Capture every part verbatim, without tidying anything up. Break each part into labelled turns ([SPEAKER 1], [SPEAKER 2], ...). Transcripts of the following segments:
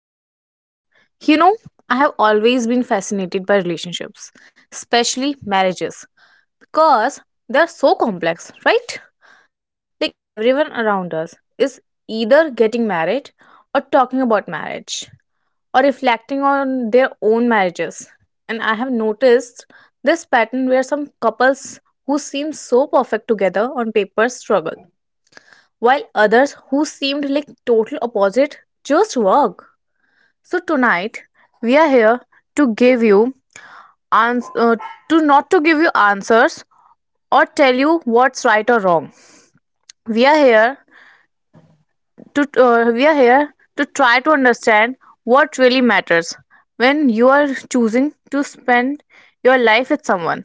[SPEAKER 1] with us tonight. You know, I have always been fascinated by relationships, especially marriages, because they're so complex, right? Like everyone around us is either getting married or talking about marriage or reflecting on their own marriages. And I have noticed this pattern where some couples who seem so perfect together on paper struggle while others who seemed like total opposite just work. So tonight we are here to give you ans- uh, to not to give you answers or tell you what's right or wrong. We are here to uh, we are here to try to understand what really matters when you are choosing to spend your life with someone.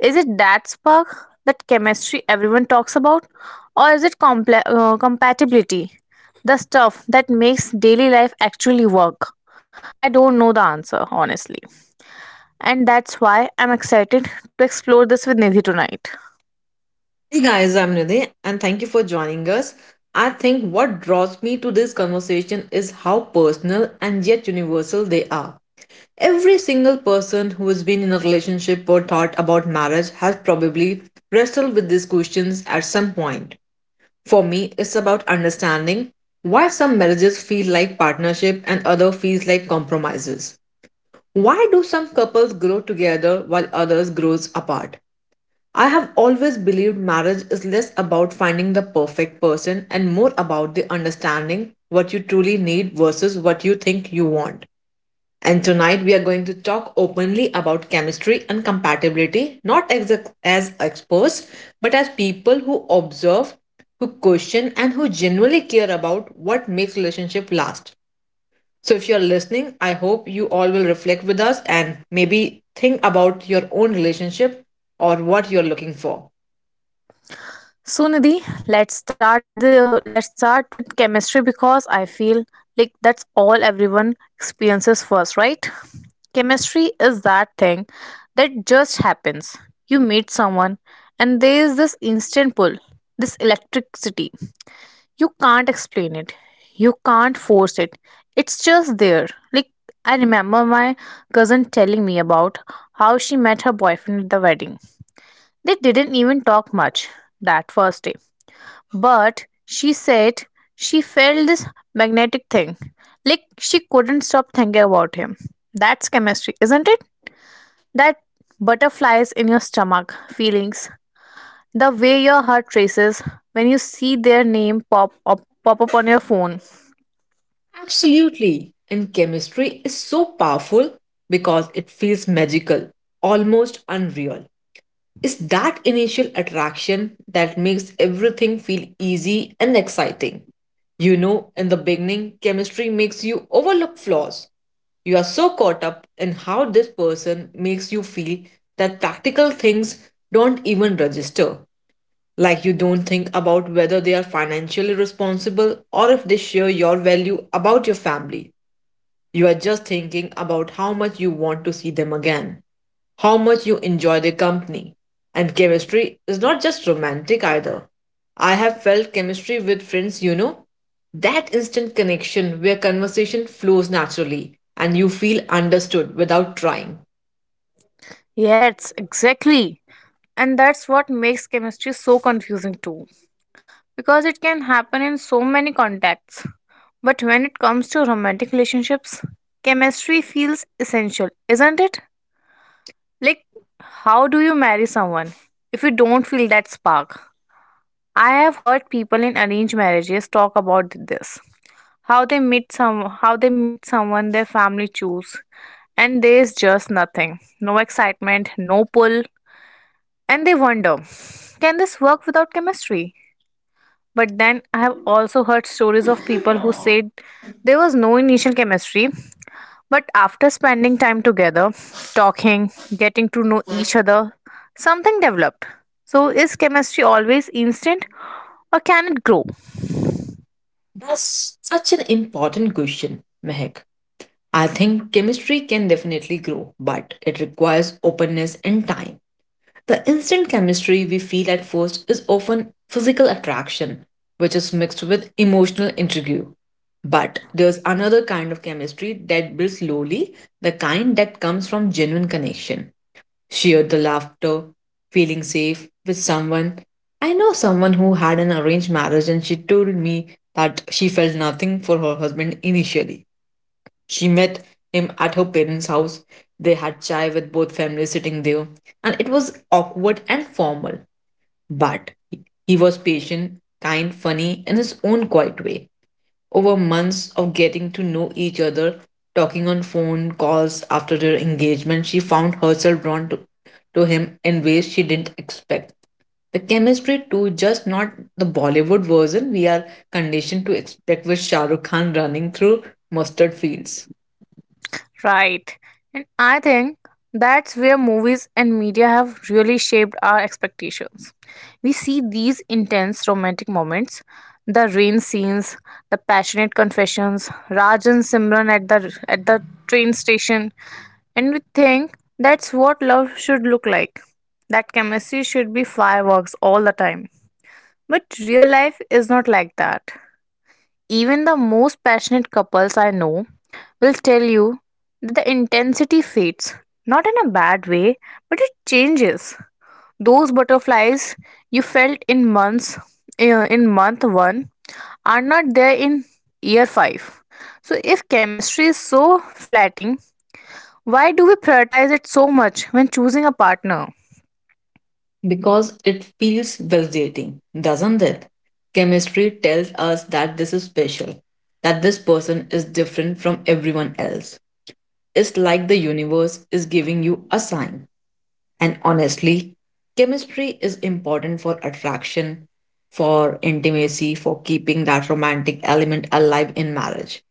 [SPEAKER 1] Is it that spark, that chemistry everyone talks about? Or is it comple- uh, compatibility, the stuff that makes daily life actually work? I don't know the answer, honestly. And that's why I'm excited to explore this with Nidhi tonight.
[SPEAKER 2] Hey guys, I'm Nidhi and thank you for joining us. I think what draws me to this conversation is how personal and yet universal they are. Every single person who has been in a relationship or thought about marriage has probably wrestled with these questions at some point. For me, it's about understanding why some marriages feel like partnership and other feels like compromises. Why do some couples grow together while others grows apart? I have always believed marriage is less about finding the perfect person and more about the understanding what you truly need versus what you think you want. And tonight we are going to talk openly about chemistry and compatibility, not as, as experts, but as people who observe, who question, and who genuinely care about what makes relationship last. So if you're listening, I hope you all will reflect with us and maybe think about your own relationship or what you're looking for.
[SPEAKER 1] So Nidhi, let's start the let's start with chemistry because I feel like that's all everyone experiences first, right? Chemistry is that thing that just happens. You meet someone and there is this instant pull, this electricity. You can't explain it. You can't force it. It's just there. Like I remember my cousin telling me about how she met her boyfriend at the wedding. They didn't even talk much that first day but she said she felt this magnetic thing. Like she couldn't stop thinking about him. That's chemistry, isn't it? That butterflies in your stomach, feelings, the way your heart races when you see their name pop up, pop up on your phone.
[SPEAKER 2] Absolutely. And chemistry is so powerful because it feels magical, almost unreal. It's that initial attraction that makes everything feel easy and exciting. You know, in the beginning, chemistry makes you overlook flaws. You are so caught up in how this person makes you feel that practical things don't even register. Like you don't think about whether they are financially responsible or if they share your value about your family. You are just thinking about how much you want to see them again, how much you enjoy their company. And chemistry is not just romantic either. I have felt chemistry with friends, you know, that instant connection where conversation flows naturally and you feel understood without trying.
[SPEAKER 1] Yes, exactly. And that's what makes chemistry so confusing too. Because it can happen in so many contexts. But when it comes to romantic relationships, chemistry feels essential, isn't it? Like, how do you marry someone if you don't feel that spark? I have heard people in arranged marriages talk about this. How they meet some how they meet someone their family choose. And there's just nothing. No excitement, no pull. And they wonder, can this work without chemistry? But then I have also heard stories of people who said there was no initial chemistry, but after spending time together, talking, getting to know each other, something developed. So, is chemistry always instant or can it grow?
[SPEAKER 2] That's such an important question, Mehak. I think chemistry can definitely grow, but it requires openness and time. The instant chemistry we feel at first is often physical attraction, which is mixed with emotional intrigue. But there's another kind of chemistry that builds slowly, the kind that comes from genuine connection. Share the laughter, feeling safe with someone. I know someone who had an arranged marriage and she told me that she felt nothing for her husband initially. She met him at her parents' house. They had chai with both families sitting there, and it was awkward and formal. But he was patient, kind, funny in his own quiet way. Over months of getting to know each other, talking on phone calls after their engagement, she found herself drawn to, to him in ways she didn't expect. The chemistry too, just not the Bollywood version we are conditioned to expect with Shah Rukh Khan running through mustard fields.
[SPEAKER 1] Right. And I think that's where movies and media have really shaped our expectations. We see these intense romantic moments, the rain scenes, the passionate confessions, Raj and Simran at the at the train station, and we think that's what love should look like. That chemistry should be fireworks all the time. But real life is not like that. Even the most passionate couples I know will tell you that the intensity fades. Not in a bad way, but it changes. Those butterflies you felt in months, uh, in month one, are not there in year five. So if chemistry is so flattening, why do we prioritize it so much when choosing a partner?
[SPEAKER 2] Because it feels validating, doesn't it? Chemistry tells us that this is special, that this person is different from everyone else. It's like the universe is giving you a sign. And honestly, chemistry is important for attraction, for intimacy, for keeping that romantic element alive in marriage.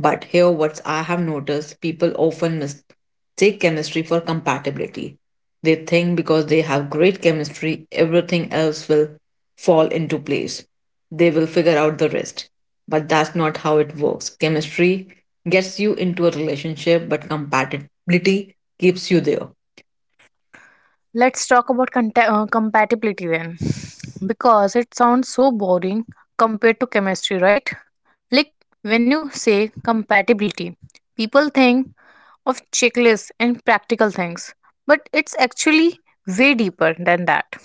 [SPEAKER 2] But here, what I have noticed people often mistake chemistry for compatibility. They think because they have great chemistry, everything else will fall into place. They will figure out the rest. But that's not how it works. Chemistry gets you into a relationship, but compatibility keeps you there.
[SPEAKER 1] Let's talk about conta- uh, compatibility then. Because it sounds so boring compared to chemistry, right? Like when you say compatibility, people think of checklists and practical things, but it's actually way deeper than that.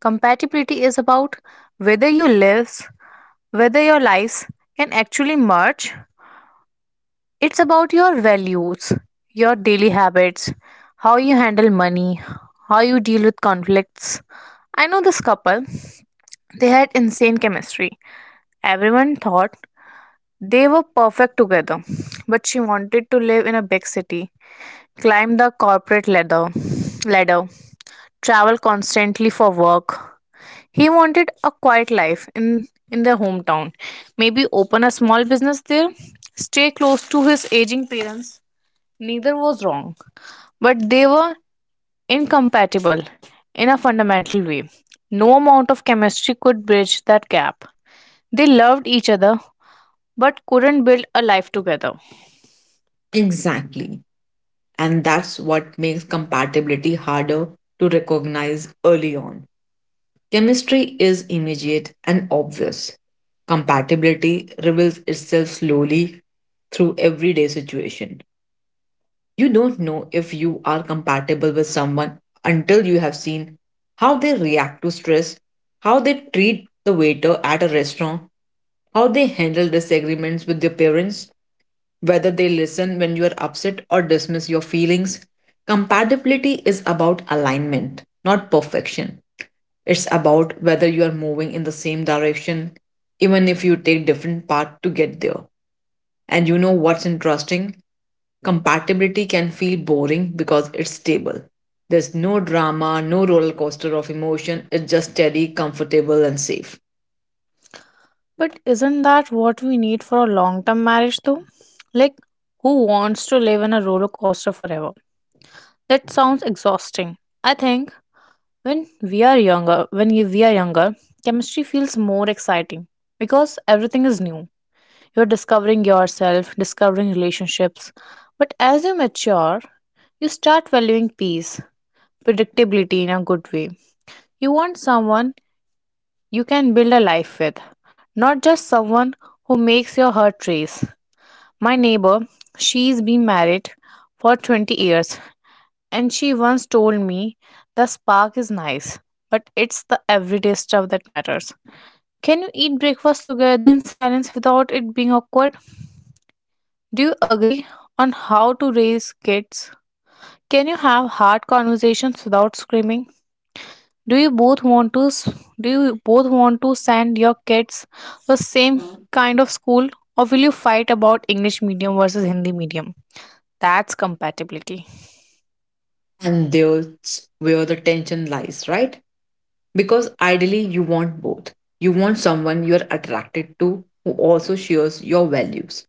[SPEAKER 1] Compatibility is about whether you lives, whether your lives can actually merge. It's about your values, your daily habits, how you handle money, how you deal with conflicts. I know this couple, they had insane chemistry. Everyone thought they were perfect together, but she wanted to live in a big city, climb the corporate ladder, ladder, travel constantly for work. He wanted a quiet life in in their hometown, maybe open a small business there, stay close to his aging parents. Neither was wrong, but they were incompatible in a fundamental way. No amount of chemistry could bridge that gap. They loved each other but couldn't build a life together.
[SPEAKER 2] Exactly. And that's what makes compatibility harder to recognize early on. Chemistry is immediate and obvious. Compatibility reveals itself slowly through everyday situation. You don't know if you are compatible with someone until you have seen how they react to stress, how they treat the waiter at a restaurant, how they handle disagreements with their parents, whether they listen when you are upset or dismiss your feelings. Compatibility is about alignment, not perfection. It's about whether you are moving in the same direction, even if you take different paths to get there. And you know what's interesting? Compatibility can feel boring because it's stable. There's no drama, no roller coaster of emotion, it's just steady, comfortable, and safe.
[SPEAKER 1] But isn't that what we need for a long term marriage though? Like, who wants to live in a roller coaster forever? That sounds exhausting. I think when we are younger, when we are younger, chemistry feels more exciting because everything is new. You're discovering yourself, discovering relationships. But as you mature, you start valuing peace, predictability in a good way. You want someone you can build a life with, not just someone who makes your heart race. My neighbor, she's been married for twenty years, and she once told me the spark is nice, but it's the everyday stuff that matters. Can you eat breakfast together in silence without it being awkward? Do you agree on how to raise kids? Can you have hard conversations without screaming? Do you both want to s- do you both want to send your kids the same kind of school or will you fight about English medium versus Hindi medium? That's compatibility.
[SPEAKER 2] And there's where the tension lies, right? Because ideally, you want both. You want someone you're attracted to who also shares your values.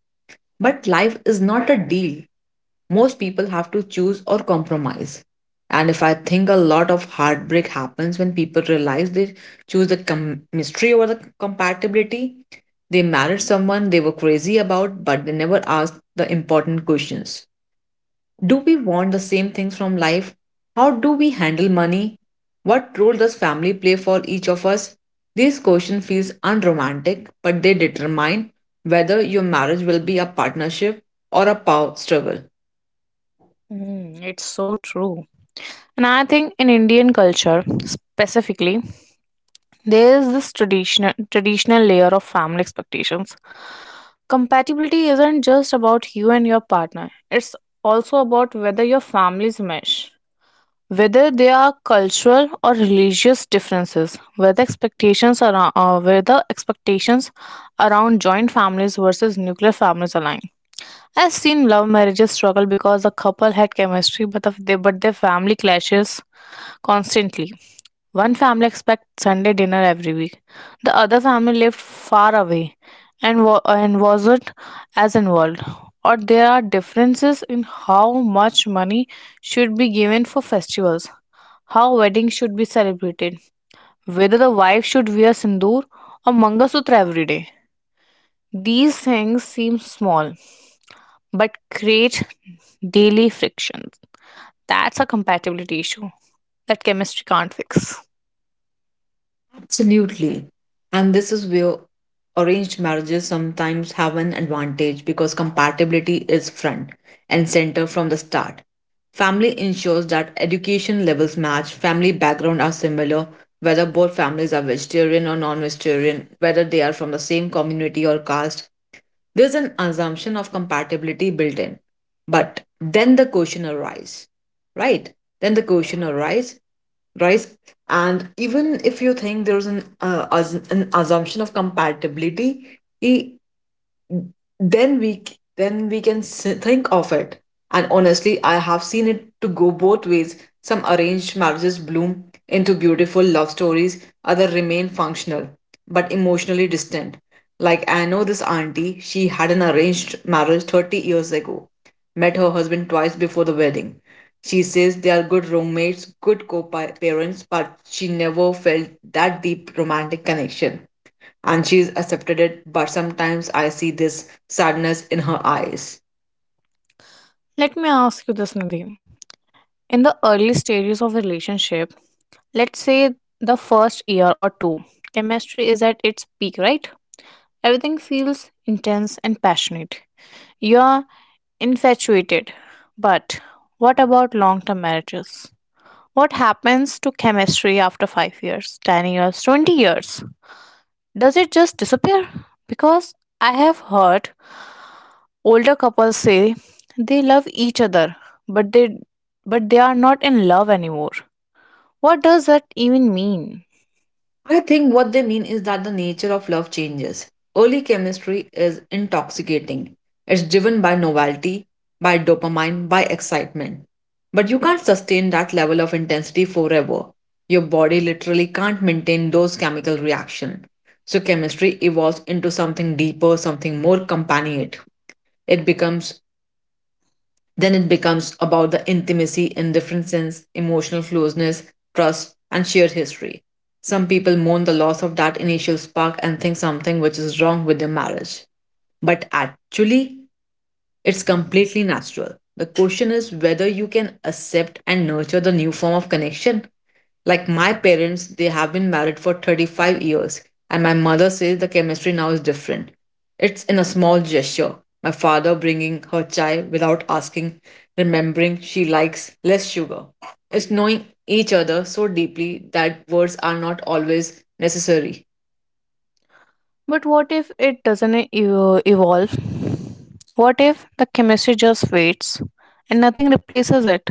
[SPEAKER 2] But life is not a deal. Most people have to choose or compromise. And if I think a lot of heartbreak happens when people realize they choose the chemistry over the compatibility, they married someone they were crazy about, but they never asked the important questions. Do we want the same things from life? How do we handle money? What role does family play for each of us? These questions feel unromantic, but they determine whether your marriage will be a partnership or a power struggle.
[SPEAKER 1] Mm, it's so true. And I think in Indian culture specifically, there is this traditional traditional layer of family expectations. Compatibility isn't just about you and your partner. It's also about whether your families mesh, whether there are cultural or religious differences, whether expectations around uh, whether expectations around joint families versus nuclear families align. I've seen love marriages struggle because the couple had chemistry, but the, they, but their family clashes constantly. One family expects Sunday dinner every week. The other family lived far away and, wa- and wasn't as involved. Or there are differences in how much money should be given for festivals, how weddings should be celebrated, whether the wife should wear sindoor or mangasūtra every day. These things seem small but create daily frictions. That's a compatibility issue that chemistry can't fix.
[SPEAKER 2] Absolutely. And this is where arranged marriages sometimes have an advantage because compatibility is front and center from the start. Family ensures that education levels match, family background are similar, whether both families are vegetarian or non-vegetarian, whether they are from the same community or caste, there's an assumption of compatibility built in. But then the question arises, right? Then the question arises, right? And even if you think there's an, uh, as, an assumption of compatibility, then we c- then we can s- think of it. And honestly, I have seen it to go both ways. Some arranged marriages bloom into beautiful love stories, other remain functional but emotionally distant. Like I know this auntie, she had an arranged marriage thirty years ago, met her husband twice before the wedding. She says they are good roommates, good co-parents, but she never felt that deep romantic connection, and she's accepted it, but sometimes I see this sadness in her eyes.
[SPEAKER 1] Let me ask you this, Nadine. In the early stages of relationship, let's say the first year or two, chemistry is at its peak, right? Everything feels intense and passionate. You're infatuated. But what about long term marriages? What happens to chemistry after five years, ten years, twenty years? Does it just disappear? Because I have heard older couples say they love each other, but they but they are not in love anymore. What does that even mean?
[SPEAKER 2] I think what they mean is that the nature of love changes. Early chemistry is intoxicating, it's driven by novelty, by dopamine, by excitement. But you can't sustain that level of intensity forever. Your body literally can't maintain those chemical reactions. So chemistry evolves into something deeper, something more companionate. It becomes Then it becomes about the intimacy in different sense, emotional closeness, trust, and shared history. Some people mourn the loss of that initial spark and think something which is wrong with their marriage. But actually, it's completely natural. The question is whether you can accept and nurture the new form of connection. Like my parents, they have been married for thirty-five years, and my mother says the chemistry now is different. It's in a small gesture. My father bringing her chai without asking, remembering she likes less sugar. It's knowing each other so deeply that words are not always necessary.
[SPEAKER 1] But what if it doesn't e- evo- evolve? What if the chemistry just fades and nothing replaces it?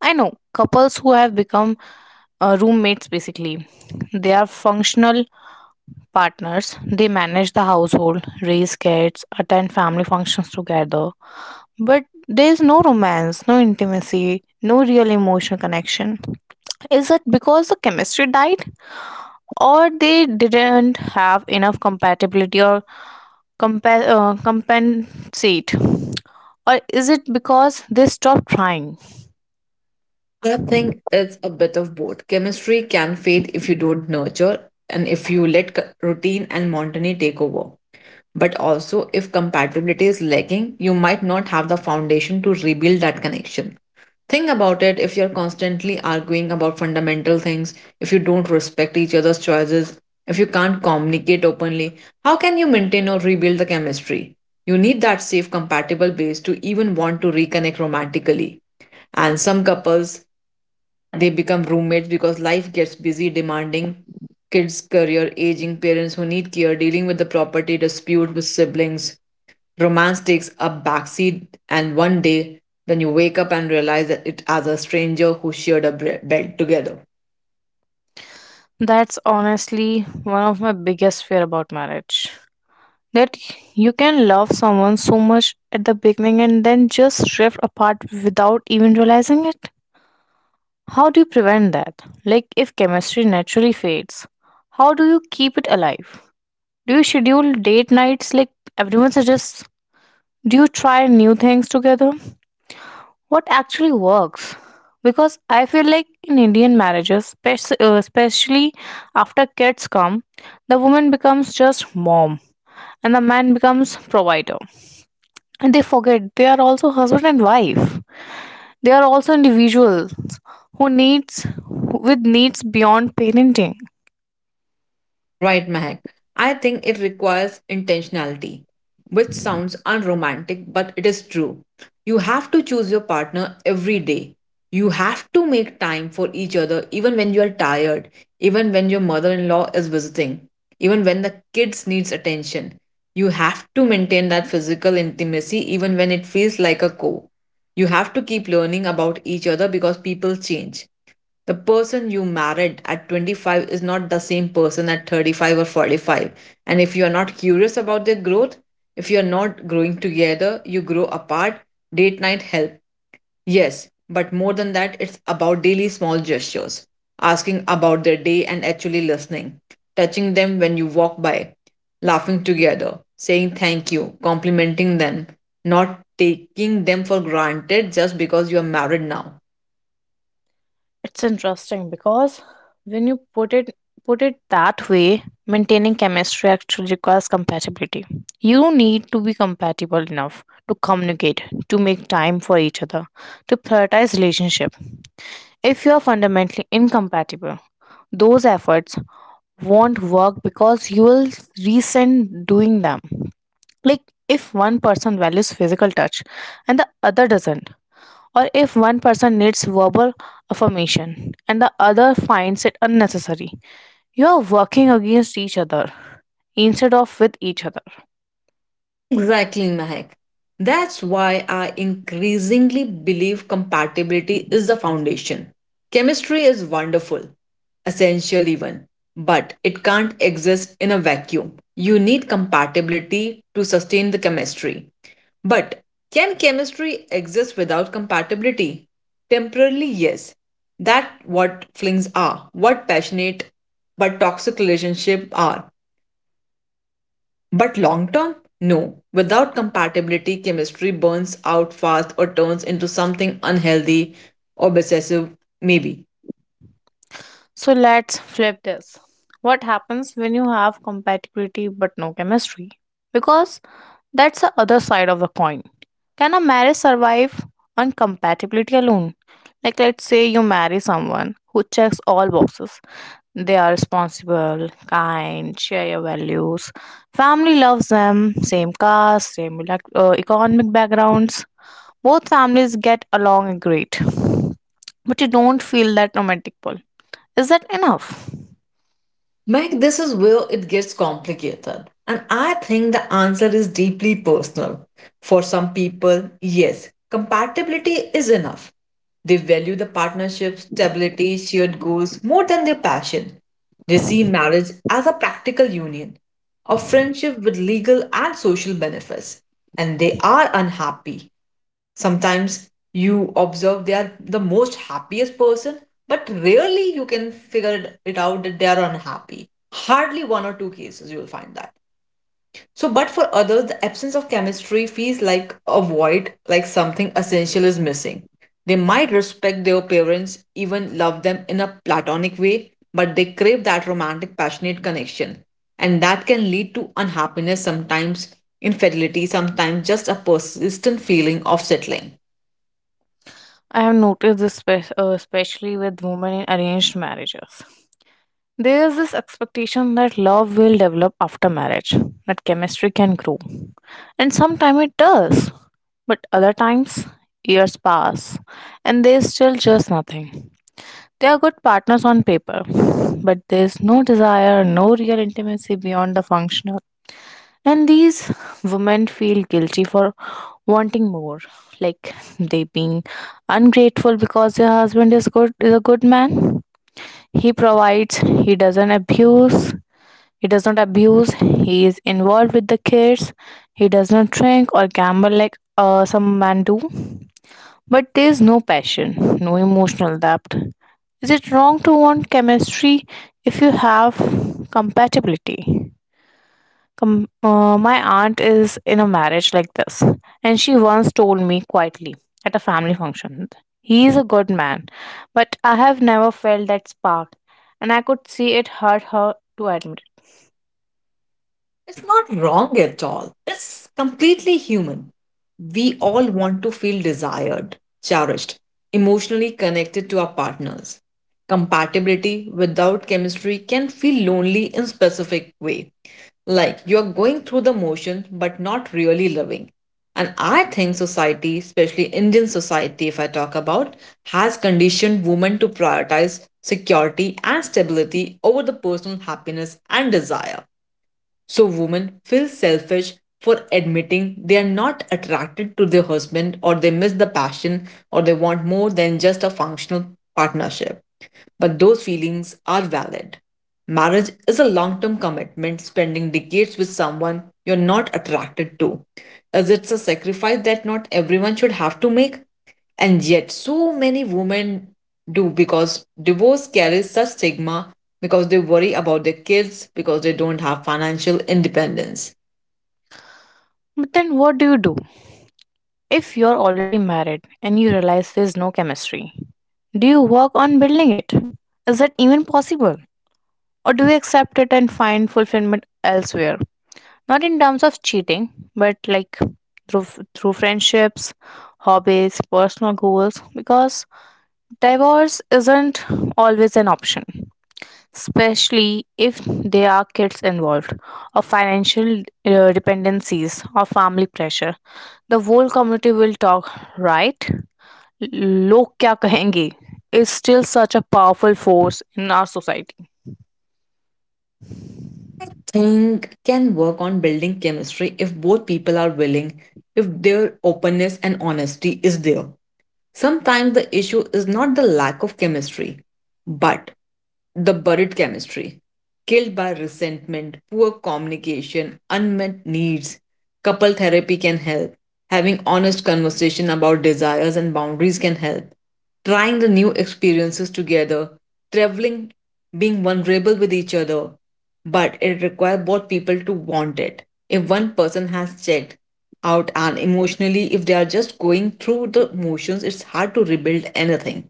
[SPEAKER 1] I know couples who have become uh, roommates basically. They are functional partners. They manage the household, raise kids, attend family functions together. But there is no romance, no intimacy, no real emotional connection. Is it because the chemistry died? Or they didn't have enough compatibility or compa- uh, compensate? Or is it because they stopped trying?
[SPEAKER 2] I think it's a bit of both. Chemistry can fade if you don't nurture and if you let c- routine and monotony take over. But also, if compatibility is lacking, you might not have the foundation to rebuild that connection. Think about it. If you're constantly arguing about fundamental things, if you don't respect each other's choices, if you can't communicate openly, how can you maintain or rebuild the chemistry? You need that safe, compatible base to even want to reconnect romantically. And some couples, they become roommates because life gets busy, demanding kids' career, aging parents who need care, dealing with the property dispute with siblings. Romance takes a backseat, and one day, then you wake up and realize that it as a stranger who shared a bre- bed together.
[SPEAKER 1] That's honestly one of my biggest fear about marriage. That you can love someone so much at the beginning and then just drift apart without even realizing it. How do you prevent that? Like if chemistry naturally fades, how do you keep it alive? Do you schedule date nights like everyone suggests? Do you try new things together? What actually works? Because I feel like in Indian marriages spec- uh, especially after kids come, the woman becomes just mom and the man becomes provider, and they forget they are also husband and wife. They are also individuals who needs, with needs beyond parenting.
[SPEAKER 2] Right, Mahak. I think it requires intentionality, which sounds unromantic, but it is true. You have to choose your partner every day. You have to make time for each other, even when you are tired, even when your mother in law is visiting, even when the kids needs attention. You have to maintain that physical intimacy even when it feels like a chore. You have to keep learning about each other because people change. The person you married at twenty-five is not the same person at thirty-five or forty-five. And if you are not curious about their growth, if you are not growing together, you grow apart. Date night help. Yes, but more than that, it's about daily small gestures, asking about their day and actually listening, touching them when you walk by, laughing together, saying thank you, complimenting them, not taking them for granted just because you are married now.
[SPEAKER 1] It's interesting because when you put it put it that way, maintaining chemistry actually requires compatibility. You need to be compatible enough to communicate, to make time for each other, to prioritize relationship. If you are fundamentally incompatible, those efforts won't work because you will resent doing them. Like if one person values physical touch and the other doesn't, or if one person needs verbal affirmation and the other finds it unnecessary. You are working against each other instead of with each other.
[SPEAKER 2] Exactly, Mahek. That's why I increasingly believe compatibility is the foundation. Chemistry is wonderful, essential even, but it can't exist in a vacuum. You need compatibility to sustain the chemistry. But can chemistry exist without compatibility? Temporarily, yes. That what flings are, what passionate but toxic relationship are. But long term? No. Without compatibility, chemistry burns out fast or turns into something unhealthy, obsessive, maybe.
[SPEAKER 1] So let's flip this. What happens when you have compatibility but no chemistry? Because that's the other side of the coin. Can a marriage survive on compatibility alone? Like, let's say you marry someone who checks all boxes. They are responsible, kind, share your values, family loves them, same caste, same elect- uh, economic backgrounds. Both families get along great, but you don't feel that romantic pull. Is that enough?
[SPEAKER 2] Meg, this is where it gets complicated. And I think the answer is deeply personal. For some people, yes, compatibility is enough. They value the partnership, stability, shared goals more than their passion. They see marriage as a practical union, a friendship with legal and social benefits, and they are unhappy. Sometimes you observe they are the most happiest person, but rarely you can figure it- it out that they are unhappy. Hardly one or two cases you will find that. So but for others, the absence of chemistry feels like a void, like something essential is missing. They might respect their parents, even love them in a platonic way, but they crave that romantic, passionate connection. And that can lead to unhappiness, sometimes infidelity, sometimes just a persistent feeling of settling.
[SPEAKER 1] I have noticed this, spe- uh, especially with women in arranged marriages. There is this expectation that love will develop after marriage, that chemistry can grow. And sometimes it does. But other times, years pass and there's still just nothing. They are good partners on paper, but there's no desire, no real intimacy beyond the functional. And these women feel guilty for wanting more, like they being ungrateful because their husband is good is a good man. He provides, he doesn't abuse, he does not abuse he is involved with the kids, he does not drink or gamble like uh, some men do. But there is no passion, no emotional depth. Is it wrong to want chemistry if you have compatibility? Com- uh, my aunt is in a marriage like this, and she once told me quietly at a family function, "He is a good man, but I have never felt that spark," and I could see it hurt her to admit it.
[SPEAKER 2] It's not wrong at all. It's completely human. We all want to feel desired, cherished, emotionally connected to our partners. Compatibility without chemistry can feel lonely in specific way. Like you're going through the motions but not really loving. And I think society, especially Indian society, if I talk about, has conditioned women to prioritize security and stability over the personal happiness and desire. So women feel selfish for admitting they are not attracted to their husband, or they miss the passion, or they want more than just a functional partnership. But those feelings are valid. Marriage is a long term commitment, spending decades with someone you're not attracted to, as it's a sacrifice that not everyone should have to make. And yet, so many women do, because divorce carries such stigma, because they worry about their kids, because they don't have financial independence.
[SPEAKER 1] But then, what do you do if you're already married and you realize there's no chemistry? Do you work on building it? Is that even possible? Or do you accept it and find fulfillment elsewhere? Not in terms of cheating, but like through f- through friendships, hobbies, personal goals, because divorce isn't always an option, especially if there are kids involved or financial uh, dependencies or family pressure. The whole community will talk, right? लोग क्या कहेंगे is still such a powerful force in our society.
[SPEAKER 2] Think can work on building chemistry if both people are willing, if their openness and honesty is there. Sometimes the issue is not the lack of chemistry, but the buried chemistry, killed by resentment, poor communication, unmet needs. Couple therapy can help. Having honest conversation about desires and boundaries can help. Trying the new experiences together, traveling, being vulnerable with each other, but it requires both people to want it. If one person has checked out and emotionally, if they are just going through the motions, it's hard to rebuild anything.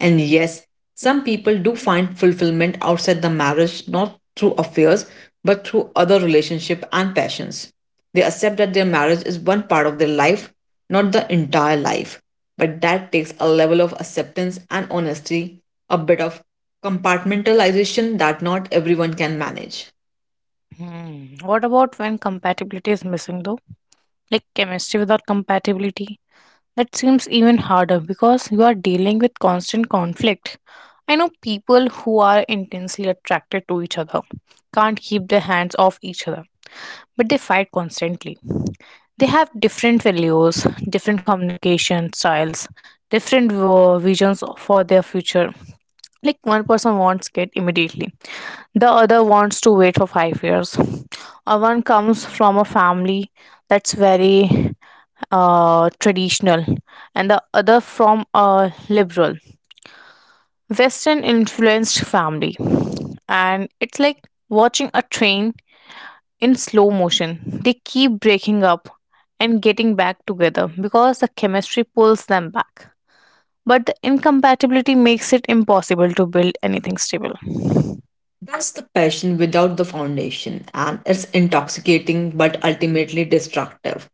[SPEAKER 2] And yes, some people do find fulfillment outside the marriage, not through affairs, but through other relationships and passions. They accept that their marriage is one part of their life, not the entire life. But that takes a level of acceptance and honesty, a bit of compartmentalization that not everyone can manage.
[SPEAKER 1] Hmm. What about when compatibility is missing though? Like chemistry without compatibility? That seems even harder because you are dealing with constant conflict. I know people who are intensely attracted to each other, can't keep their hands off each other, but they fight constantly. They have different values, different communication styles, different uh, visions for their future. Like one person wants kid immediately, the other wants to wait for five years. Or one comes from a family that's very uh, traditional and the other from a liberal, western influenced family, and it's like watching a train in slow motion. They keep breaking up and getting back together because the chemistry pulls them back, but the incompatibility makes it impossible to build anything stable.
[SPEAKER 2] That's the passion without the foundation, and it's intoxicating but ultimately destructive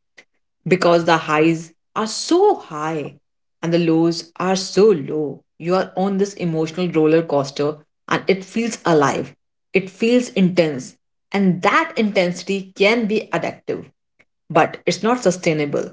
[SPEAKER 2] because the highs are so high and the lows are so low. You are on this emotional roller coaster and it feels alive, it feels intense, and that intensity can be addictive. But it's not sustainable.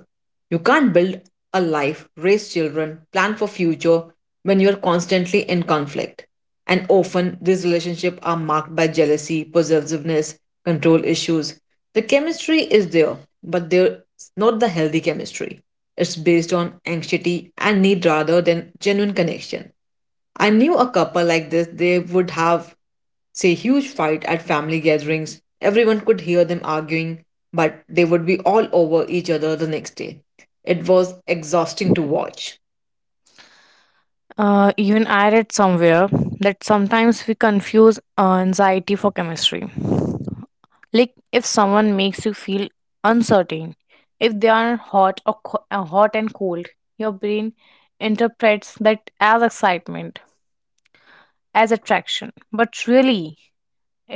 [SPEAKER 2] You can't build a life, raise children, plan for future when you're constantly in conflict. And often these relationships are marked by jealousy, possessiveness, control issues. The chemistry is there, but there's not the healthy chemistry. It's based on anxiety and need rather than genuine connection. I knew a couple like this, they would have, say, huge fight at family gatherings. Everyone could hear them arguing, but they would be all over each other the next day. It was exhausting to watch.
[SPEAKER 1] Uh, even I read somewhere that sometimes we confuse uh, anxiety for chemistry. Like if someone makes you feel uncertain, if they are hot or co- uh, hot and cold, your brain interprets that as excitement, as attraction. But really,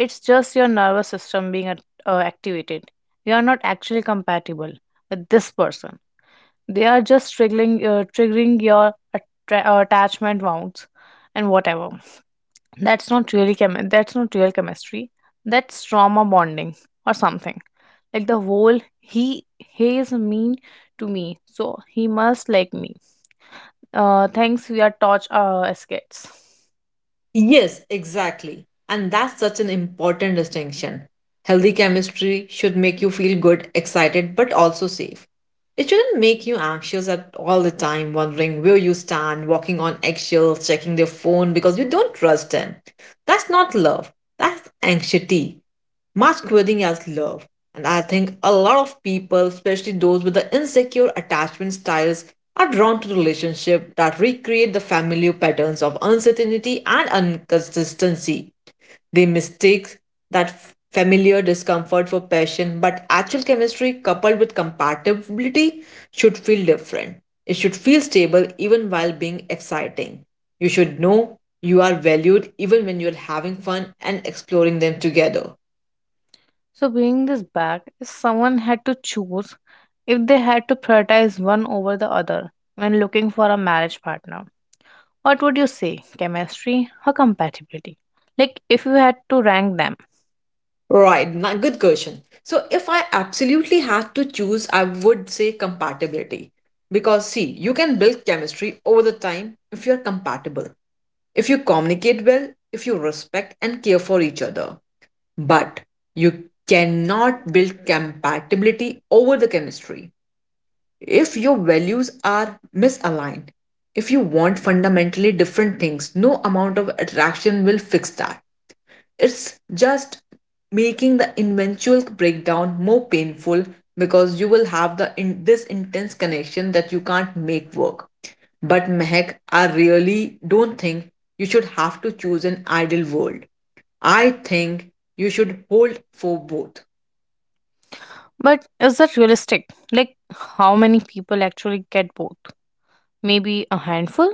[SPEAKER 1] it's just your nervous system being at- uh, activated. You are not actually compatible with this person. They are just triggering, uh, triggering your attra- uh, attachment wounds and whatever. That's not really chemi- That's not real chemistry. That's trauma bonding or something. Like the whole he he is mean to me, so he must like me. Uh, thanks. We are torch uh, as kids.
[SPEAKER 2] Yes, exactly. And that's such an important distinction. Healthy chemistry should make you feel good, excited, but also safe. It shouldn't make you anxious at all the time, wondering where you stand, walking on eggshells, checking their phone because you don't trust them. That's not love, that's anxiety masquerading as love. And I think a lot of people, especially those with the insecure attachment styles, are drawn to relationships that recreate the familiar patterns of uncertainty and inconsistency. They mistake that f- familiar discomfort for passion, but actual chemistry coupled with compatibility should feel different. It should feel stable even while being exciting. You should know you are valued even when you're having fun and exploring them together.
[SPEAKER 1] So, bringing this back, if someone had to choose, if they had to prioritize one over the other when looking for a marriage partner, what would you say? Chemistry or compatibility? Like, if you had to rank them.
[SPEAKER 2] Right, na- good question. So, if I absolutely had to choose, I would say compatibility. Because, see, you can build chemistry over the time if you're compatible, if you communicate well, if you respect and care for each other. But you cannot build compatibility over the chemistry. If your values are misaligned, if you want fundamentally different things, no amount of attraction will fix that. It's just making the eventual breakdown more painful because you will have the in this intense connection that you can't make work. But Mehak, I really don't think you should have to choose an ideal world. I think you should hold for both.
[SPEAKER 1] But is that realistic? Like, how many people actually get both? Maybe a handful?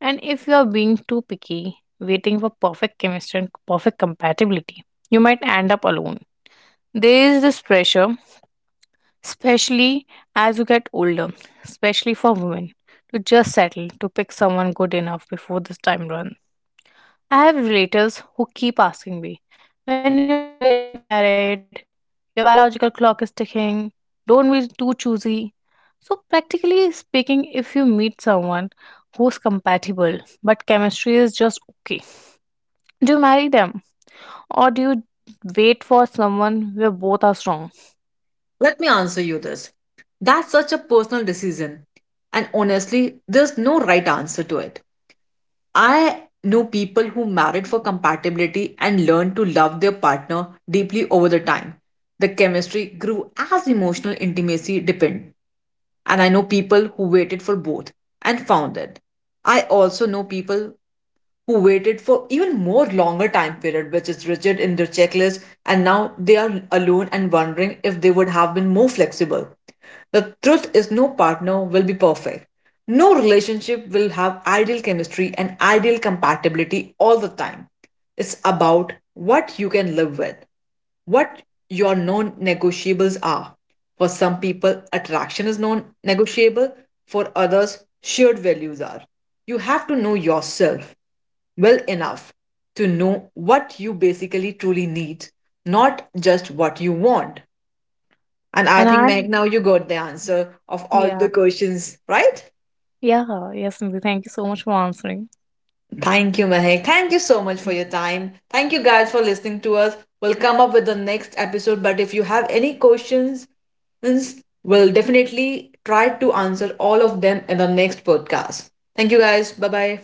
[SPEAKER 1] And if you are being too picky, waiting for perfect chemistry and perfect compatibility, you might end up alone. There is this pressure, especially as you get older, especially for women, to just settle, to pick someone good enough before this time runs. I have relatives who keep asking me, when you're getting married, your biological clock is ticking, don't be too choosy. So, practically speaking, if you meet someone who's compatible but chemistry is just okay, do you marry them or do you wait for someone where both are strong?
[SPEAKER 2] Let me answer you this. That's such a personal decision. And honestly, there's no right answer to it. I know people who married for compatibility and learned to love their partner deeply over the time. The chemistry grew as emotional intimacy deepened. And I know people who waited for both and found it. I also know people who waited for even more longer time period which is rigid in their checklist, and now they are alone and wondering if they would have been more flexible. The truth is, no partner will be perfect. No relationship will have ideal chemistry and ideal compatibility all the time. It's about what you can live with, what your non negotiables are. For some people, attraction is non negotiable, for others, shared values are. You have to know yourself well enough to know what you basically truly need, not just what you want. And I think,
[SPEAKER 1] And
[SPEAKER 2] Mehak,
[SPEAKER 1] I,
[SPEAKER 2] now you got the answer of all the
[SPEAKER 1] yeah,
[SPEAKER 2] questions, right?
[SPEAKER 1] yeah, yes, Nidhi, thank you so much for answering.
[SPEAKER 2] Thank you, Mehak. Thank you so much for your time. Thank you guys for listening to us. We'll come up with the next episode, but if you have any questions, we'll definitely try to answer all of them in the next podcast. Thank you guys. Bye bye.